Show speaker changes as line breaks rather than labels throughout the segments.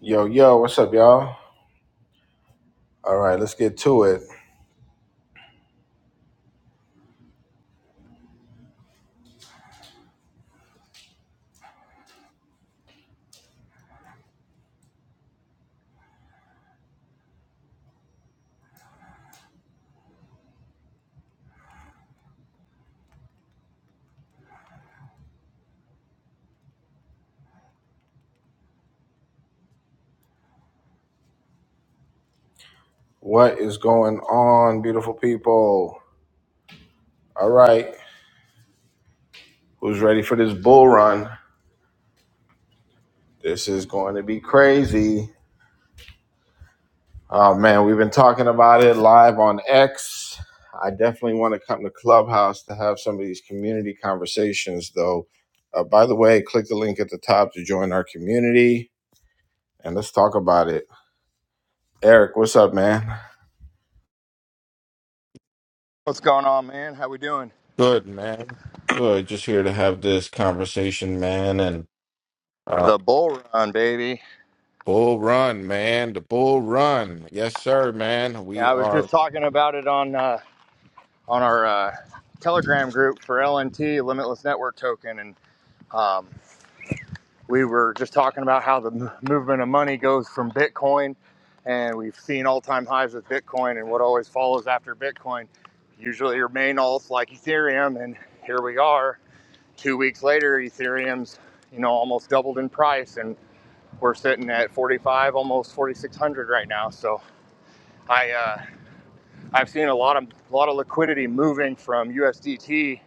Yo, yo, what's up, y'all? All right, let's get to it. What is going on, beautiful people? All right, who's ready for this bull run? This is going to be crazy. Oh, man, we've been talking about it live on X. I definitely want to come to Clubhouse to have some of these community conversations, though. Uh, by the way, click the link at the top to join our community and let's talk about it. Eric, what's up, man?
What's going on, man? How we doing?
Good, man. Good. Just here to have this conversation, man. And Uh,
The bull run, baby.
bull run, man. The bull run. Yes, sir, man. We
Yeah, I was just
are.
talking about it on uh, on our uh, Telegram group for LNT, Limitless Network Token, and um, we were just talking about how the m- movement of money goes from Bitcoin, and we've seen all-time highs with Bitcoin, and what always follows after Bitcoin usually are main alts like Ethereum, and here we are, two weeks later, Ethereum's you know almost doubled in price, and we're sitting at 45, almost 4,600 right now, so. I uh, I've seen a lot of a lot of liquidity moving from USDT.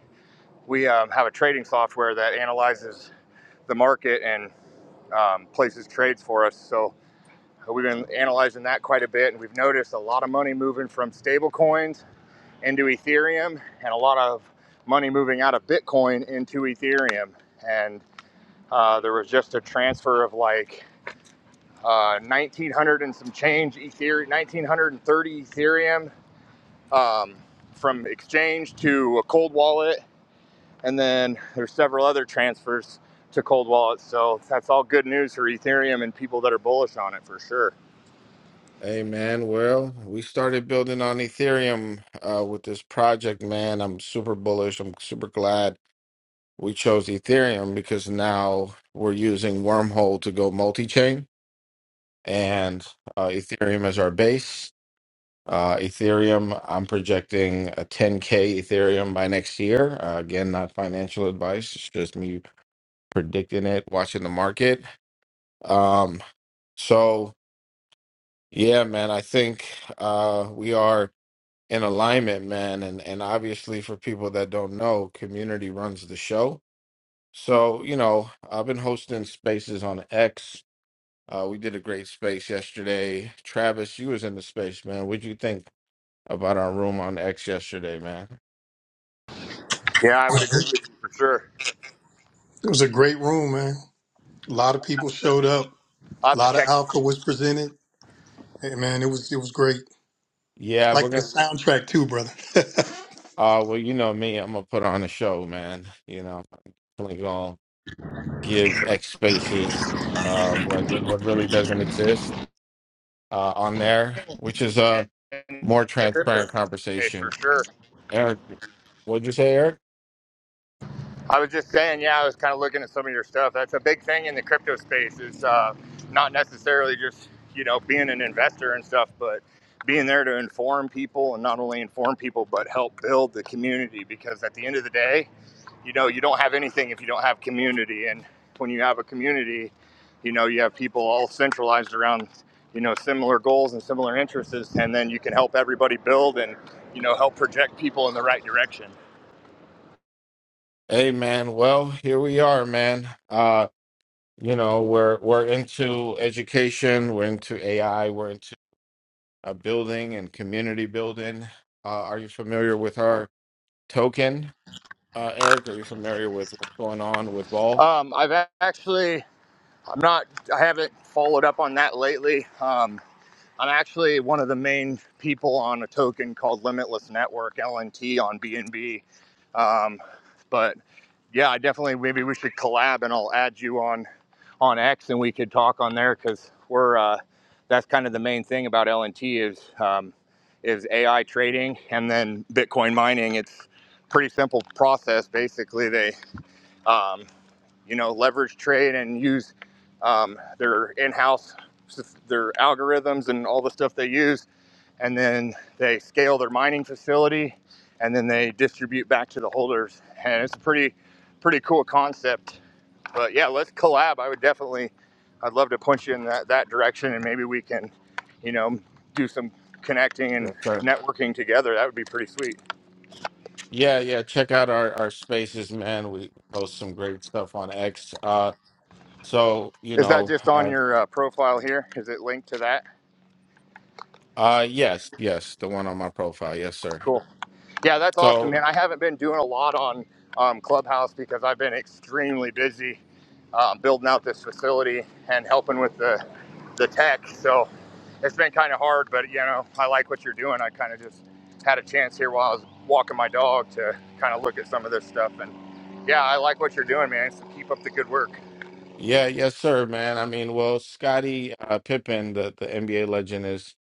We um, have a trading software that analyzes the market and um, places trades for us. So uh, we've been analyzing that quite a bit, and we've noticed a lot of money moving from stable coins into Ethereum, and a lot of money moving out of Bitcoin into Ethereum. And uh, there was just a transfer of like uh, 1900 and some change Ethereum, 1930 Ethereum um, from exchange to a cold wallet, and then there's several other transfers to cold wallets. So that's all good news for Ethereum and people that are bullish on it for sure.
Hey, man. Well, we started building on Ethereum uh, with this project, man. I'm super bullish. I'm super glad we chose Ethereum because now we're using Wormhole to go multi chain and uh, Ethereum is our base. Uh, Ethereum, I'm projecting a 10K Ethereum by next year. Uh, again, not financial advice, it's just me predicting it, watching the market. Um, So yeah, man, I think uh, we are in alignment, man, and and obviously for people that don't know, community runs the show. So you know, I've been hosting spaces on X. Uh, we did a great space yesterday. Travis, you was in the space, man. What'd you think about our room on X yesterday, man?
Yeah, I would agree
It
with you for sure.
was a great room, man. A lot of
I'll have
people
to
showed up.
I'll
A
have to
lot of
check
alpha was presented. Hey, man, it was it was great.
Yeah, we're
Like the
gonna.
soundtrack too, brother.
Uh, well, you know me, I'm gonna put on a show, man. You know, I'm definitely gonna give X spaces uh, what what really doesn't exist uh, on there, which is a
it out in
more
the crypto
transparent
space for
conversation.
sure.
Eric, what'd you say, Eric?
I was just saying, yeah, I was kind of looking at some of your stuff. That's a big thing in the crypto space is uh, not necessarily just, you know, being an investor and stuff, but being there to inform people and not only inform people, but help build the community. Because at the end of the day, you know, you don't have anything if you don't have community. And when you have a community, you know, you have people all centralized around, you know, similar goals and similar interests. And then you can help everybody build and, you know, help project people in the right direction.
Hey, man. Well, here we are, man. Uh, you know, we're we're into education, we're into AI, we're into uh, building and community building. Uh, are you familiar with our token, uh, Eric? Are you familiar with what's going on with Ball?
Um, I've actually I'm not. I haven't followed up on that lately. Um, I'm actually one of the main people on a token called Limitless Network (LNT) on BNB. Um, but yeah, I definitely maybe we should collab, and I'll add you on on X, and we could talk on there because we're uh, that's kind of the main thing about LNT is um, is AI trading and then Bitcoin mining. It's pretty simple process. Basically, they um, you know, leverage trade and use um, their in-house their algorithms and all the stuff they use, and then they scale their mining facility, and then they distribute back to the holders. And it's a pretty pretty cool concept. But yeah, let's collab. I would definitely, I'd love to punch you in that, that direction, and maybe we can, you know, do some connecting and
Yes, sir.
networking together. That would be pretty sweet.
Yeah, yeah. Check out our our spaces, man. We post some great stuff on X. Uh, so you
Is that
know.
just on your uh, profile here? Is it linked to that?
Uh yes, yes, the one on my profile. Yes, sir.
Cool. Yeah, that's awesome,
So,
man. I haven't been doing a lot on um, Clubhouse because I've been extremely busy um, building out this facility and helping with the the tech. So it's been kind of hard, but you know, I like what you're doing. I kind of just had a chance here while I was walking my dog to kind of look at some of this stuff, and yeah, I like what you're doing, man. So keep up the good work.
yeah, yes, sir, man. I mean, well, Scotty uh, Pippen, the the NBA legend is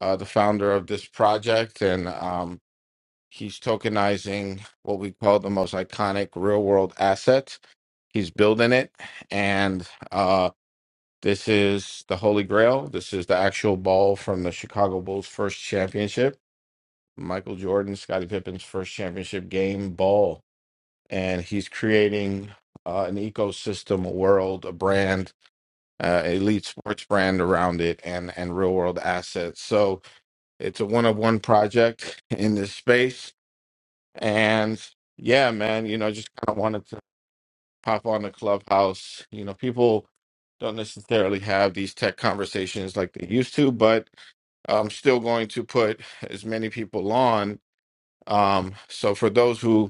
uh the founder of this project and um he's tokenizing what we call the most iconic real-world asset. He's building it and uh this is the Holy Grail. This is the actual ball from the Chicago Bulls' first championship. Michael Jordan, Scottie Pippen's first championship game ball and he's creating uh, an ecosystem, a world, a brand, uh, elite sports brand around it, and and real world assets. So it's a one of one project in this space, and yeah, man, you know, just kind of wanted to pop on the clubhouse. You know, people don't necessarily have these tech conversations like they used to, but I'm still going to put as many people on. Um, so for those who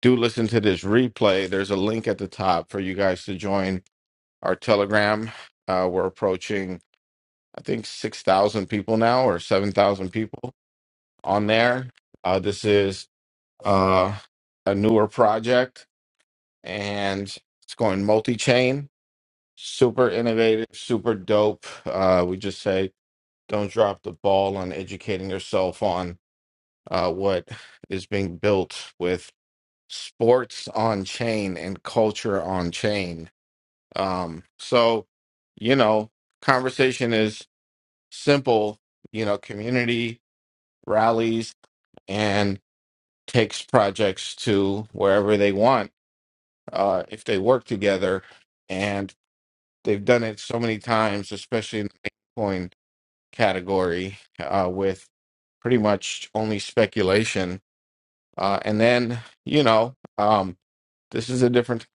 do listen to this replay, there's a link at the top for you guys to join our Telegram. Uh, we're approaching, I think, 6,000 people now or 7,000 people on there. Uh, this is uh, a newer project and it's going multi chain, super innovative, super dope. Uh, we just say don't drop the ball on educating yourself on uh, what is being built with sports on chain and culture on chain Um, so, you know, conversation is simple, you know, community rallies and takes projects to wherever they want uh, if they work together. And they've done it so many times, especially in the coin category uh, with pretty much only speculation. Uh, and then, you know, um, this is a different,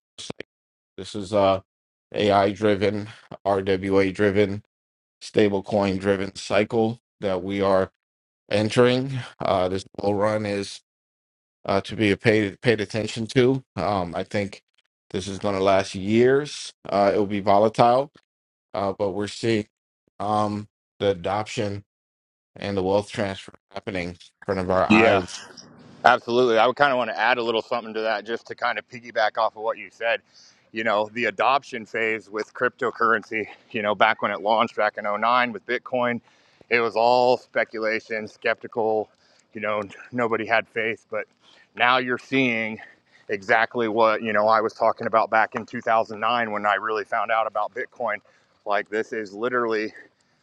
this is uh, AI driven, RWA driven stablecoin driven cycle that we are entering. Uh, this bull run is uh, to be paid paid attention to. Um, I think this is going to last years. Uh, it will be volatile, uh, but we're seeing um, the adoption and the wealth transfer happening in front of our
Yeah.
eyes.
Absolutely. I would kind of want to add a little something to that just to kind of piggyback off of what you said. You know, the adoption phase with cryptocurrency, you know, back when it launched back in '09 with Bitcoin, it was all speculation, skeptical, you know, nobody had faith. But now you're seeing exactly what, you know, I was talking about back in 2009 when I really found out about Bitcoin. Like, this is literally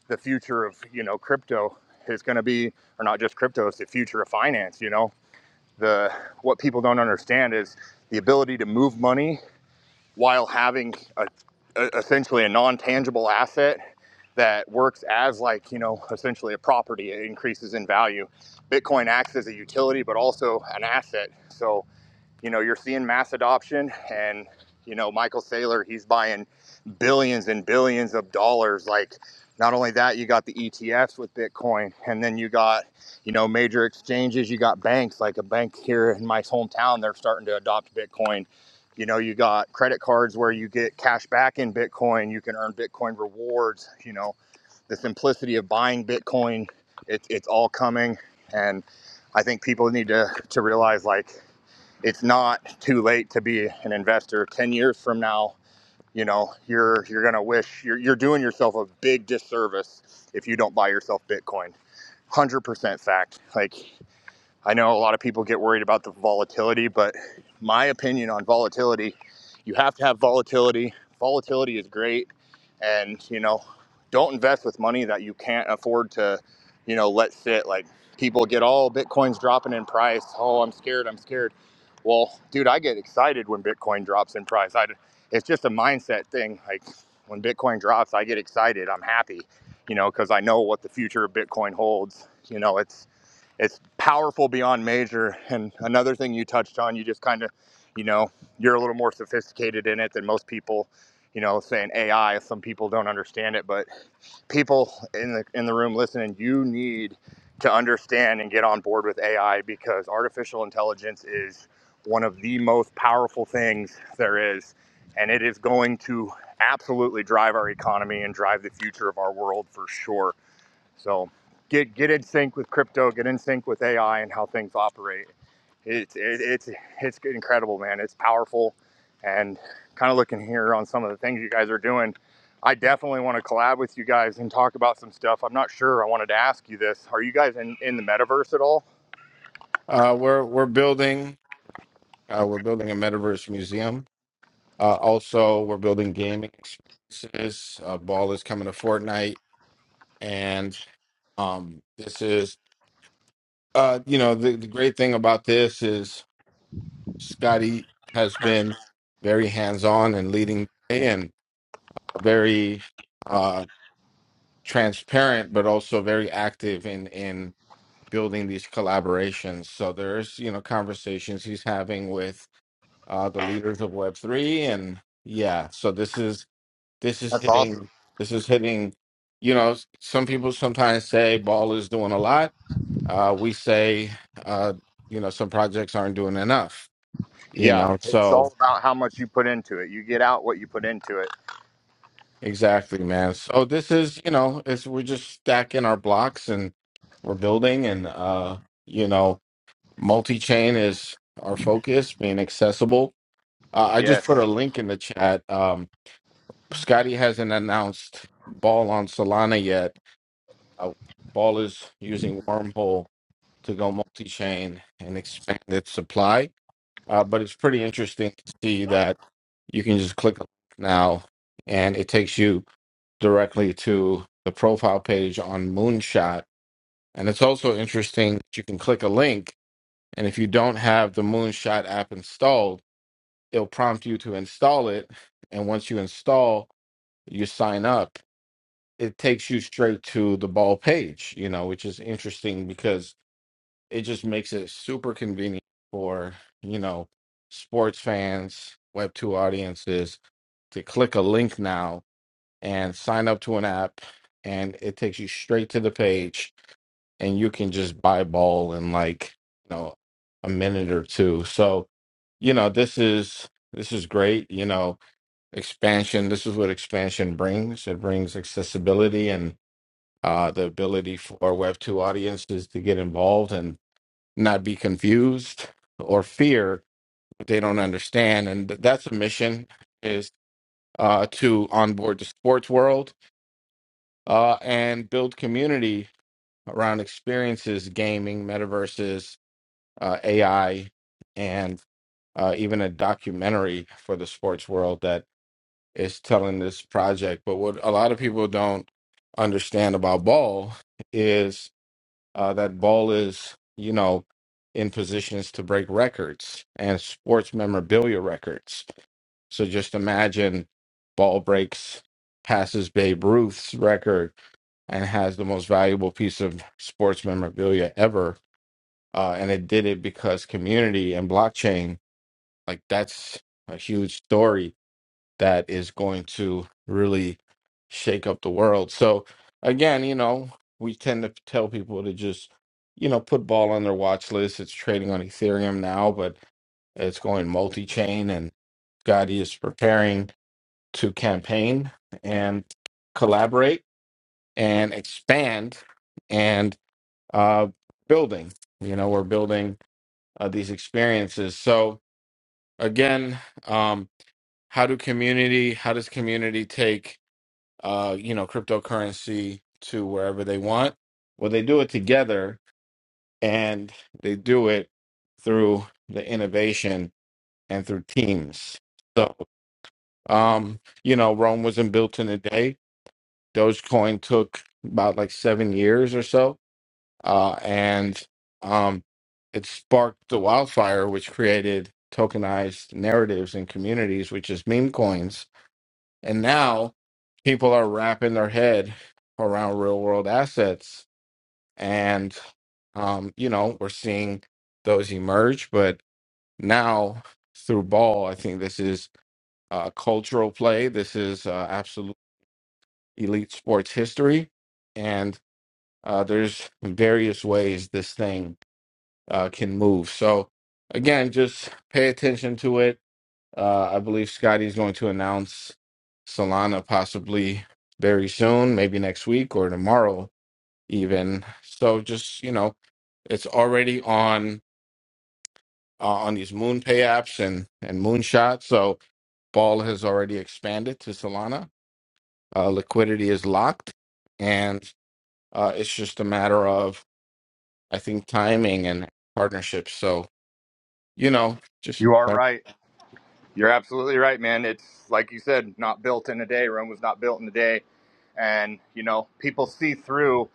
the future of, you know, crypto is going to be, or not just crypto, it's the future of finance, you know? the what people don't understand is the ability to move money while having a, a, essentially a non-tangible asset that works as like you know essentially a property it increases in value bitcoin acts as a utility but also an asset so you know, you're seeing mass adoption and you know, Michael Saylor, he's buying billions and billions of dollars. Like not only that, you got the ETFs with Bitcoin and then you got, you know, major exchanges, you got banks like a bank here in my hometown, they're starting to adopt Bitcoin. You know, you got credit cards where you get cash back in Bitcoin, you can earn Bitcoin rewards, you know, the simplicity of buying Bitcoin, it, it's all coming and I think people need to to realize like it's not too late to be an investor 10 years from now you know you're you're gonna wish you're, you're doing yourself a big disservice if you don't buy yourself bitcoin 100% fact like I know a lot of people get worried about the volatility, but my opinion on volatility, you have to have volatility. Volatility is great. And, you know, don't invest with money that you can't afford to, you know, let sit. Like people get, oh, Bitcoin's dropping in price. Oh, I'm scared. I'm scared. Well, dude, I get excited when Bitcoin drops in price. I, it's just a mindset thing. Like when Bitcoin drops, I get excited. I'm happy, you know, because I know what the future of Bitcoin holds. You know, it's, it's powerful beyond measure. And another thing you touched on, you just kind of, you know, you're a little more sophisticated in it than most people. You know, saying AI, some people don't understand it, but people in the in the room listening, you need to understand and get on board with AI because artificial intelligence is one of the most powerful things there is, and it is going to absolutely drive our economy and drive the future of our world for sure. So get get in sync with crypto, get in sync with AI and how things operate. It's it, it's it's incredible, man. It's powerful, and kind of looking here on some of the things you guys are doing. I definitely want to collab with you guys and talk about some stuff. I'm not sure. I wanted to ask you this: Are you guys in in the metaverse at all?
Uh, we're we're building uh, we're building a metaverse museum. Uh, also, we're building gaming experiences. Uh, Ball is coming to Fortnite, and um, this is Uh, you know, the, the great thing about this is Scotty has been very hands-on and leading and very uh, transparent, but also very active in in building these collaborations. So there's, you know, conversations he's having with uh, the leaders of Web3, and yeah, so this is this is
That's awesome.
hitting this is hitting. You know, some people sometimes say Ball is doing a lot uh, we say, uh, you know, some projects aren't doing enough, you
Yeah,
know.
it's
So
all about how much you put into it. You get out what you put into it.
exactly, man. So this is, you know, it's we're just stacking our blocks and we're building and uh, you know, multi-chain is our focus, being accessible. Uh, I just
Yes,
put a link in the chat. Um, Scotty hasn't announced Ball on Solana yet. Uh, Ball is using Wormhole to go multi-chain and expand its supply. Uh, but it's pretty interesting to see that you can just click a link now and it takes you directly to the profile page on Moonshot. And it's also interesting that you can click a link and if you don't have the Moonshot app installed, it'll prompt you to install it. And once you install, you sign up. It takes you straight to the ball page, you know, which is interesting because it just makes it super convenient for you know sports fans web 2 audiences to click a link now and sign up to an app and it takes you straight to the page and you can just buy ball in like you know a minute or two so you know this is this is great you know expansion this is what expansion brings it brings accessibility and uh, the ability for web 2 audiences to get involved and not be confused or fear what they don't understand and th- that's a mission is uh, to onboard the sports world uh, and build community around experiences gaming metaverses uh, ai and uh, even a documentary for the sports world that is telling this project but what a lot of people don't understand about ball is. uh, that ball is, you know, in positions to break records and sports memorabilia records. So just imagine ball breaks, passes Babe Ruth's record, and has the most valuable piece of sports memorabilia ever. Uh, and it did it because community and blockchain, like that's a huge story that is going to really shake up the world. So again, you know, we tend to tell people to just, you know, put ball on their watch list. It's trading on Ethereum now, but it's going multi-chain and Gotti is preparing to campaign and collaborate and expand and uh, building. You know, we're building uh, these experiences. So again, um, how do community? How does community take? uh, you know, cryptocurrency to wherever they want. Well, they do it together and they do it through the innovation and through teams. So, um, you know, Rome wasn't built in a day. Dogecoin took about like seven years or so. Uh, and um, it sparked the wildfire, which created tokenized narratives and communities, which is meme coins and now people are wrapping their head around real world assets. And, um, you know, we're seeing those emerge. But now through ball, I think this is uh, cultural play. This is uh, absolute elite sports history. And uh, there's various ways this thing uh, can move. So, again, just pay attention to it Uh, I believe Scotty's going to announce Solana possibly very soon, maybe next week or tomorrow even. So just, you know, it's already on uh, on these MoonPay apps and and moonshot so ball has already expanded to solana uh, liquidity is locked and uh, it's just a matter of i think timing and partnerships so you know just
you are right. You're absolutely right, man. It's like you said, not built in a day. Rome was not built in a day. And, you know, people see through,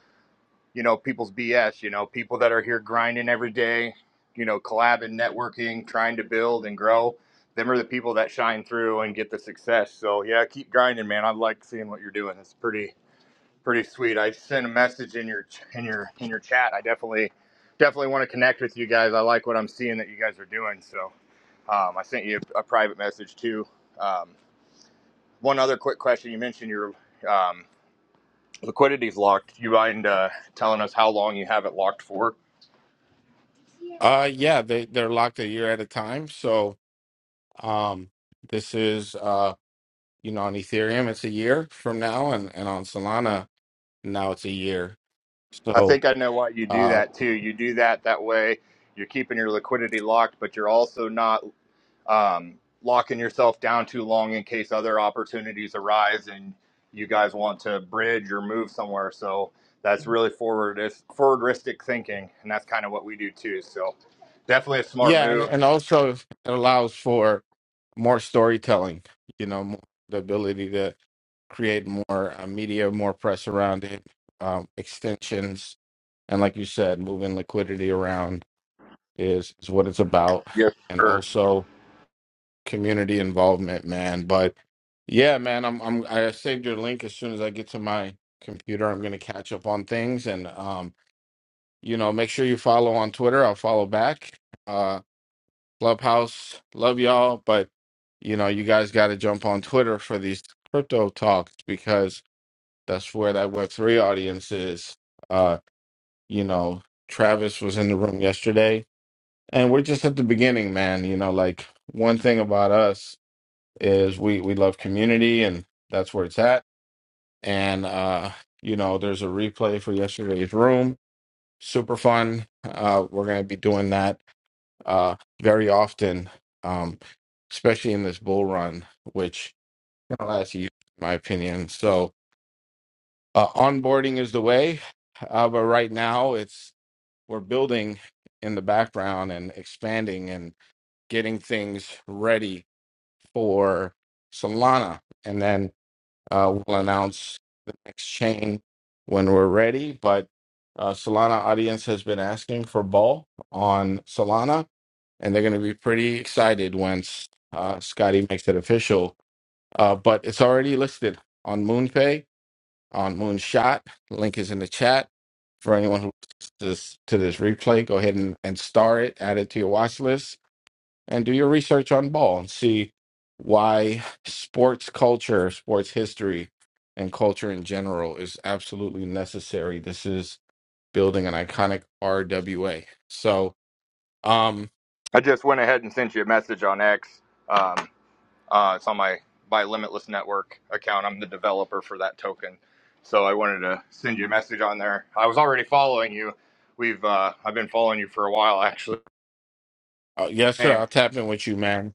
you know, people's BS, you know, people that are here grinding every day, you know, collabing, networking, trying to build and grow. Them are the people that shine through and get the success. So, yeah, keep grinding, man. I like seeing what you're doing. It's pretty, Pretty sweet. I sent a message in your in your in your chat. I definitely definitely want to connect with you guys. I like what I'm seeing that you guys are doing. So um, I sent you a, a private message too. Um, one other quick question. You mentioned your um, liquidity's locked. You mind uh, telling us how long you have it locked for?
uh yeah they, they're locked a year at a time so Um, this is uh, you know, on Ethereum it's a year from now, and and on Solana now it's a year.
I
So
think I know why you do
uh,
that too. You do that that way. You're keeping your liquidity locked, but you're also not um, locking yourself down too long in case other opportunities arise and you guys want to bridge or move somewhere. So that's really forward forwardistic thinking, and that's kind of what we do too. So definitely a smart
yeah, and
move.
and also it allows for more storytelling. You know, more, the ability to create more uh, media, more press around it, um, extensions, and like you said, moving liquidity around is is what it's about,
Yes,
and
sure.
also. community involvement, man. But yeah, man, I'm I'm I saved your link as soon as I get to my computer. I'm gonna catch up on things and um, you know, make sure you follow on Twitter. I'll follow back. Uh Clubhouse, love y'all, but you know, you guys gotta jump on Twitter for these crypto talks because that's where that web three audience is. Uh, you know, Travis was in the room yesterday and we're just at the beginning, man. You know, like one thing about us is we we love community and that's where it's at and uh you know there's a replay for yesterday's room super fun uh we're going to be doing that uh very often um especially in this bull run which can last years in my opinion so uh onboarding is the way uh but right now it's we're building in the background and expanding and getting things ready for solana and then Uh, we'll announce the next chain when we're ready. But uh, Solana audience has been asking for Ball on Solana, and they're going to be pretty excited once uh, Scotty makes it official. Uh, but it's already listed on MoonPay, on Moonshot. Link is in the chat. For anyone who listens to this, to this replay, go ahead and, and star it, add it to your watch list and do your research on ball and see why sports culture, sports history, and culture in general is absolutely necessary. This is building an iconic RWA. So, um,
I just went ahead and sent you a message on X. Um, uh, it's on my by Limitless Network account. I'm the developer for that token, so I wanted to send you a message on there. I was already following you. We've uh, I've been following you for a while actually.
uh, yes, sir, I'll tap in with you, man.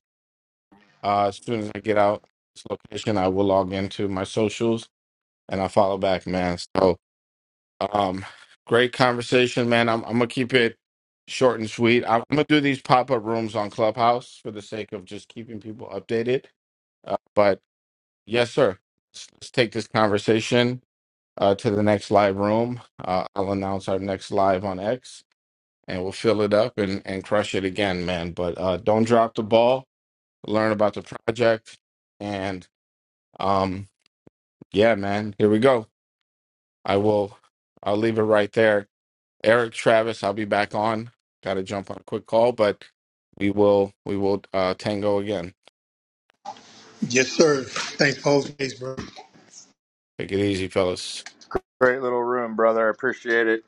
Uh, as soon as I get out this location, I will log into my socials and I'll follow back, man. So, um, great conversation, man. I'm, I'm gonna keep it short and sweet. I'm gonna do these pop up rooms on Clubhouse for the sake of just keeping people updated. Uh, but yes, sir. Let's, let's take this conversation uh, to the next live room. Uh, I'll announce our next live on X, and we'll fill it up and, and crush it again, man. But uh, don't drop the ball. Learn about the project, and um, yeah, man. Here we go. I will. I'll leave it right there. Eric Travis, I'll be back on. Got to jump on a quick call, but we will. We will uh, tango again.
yes, sir. Thanks for hosting, bro.
Take it easy, fellas.
Great little room, brother. I appreciate it.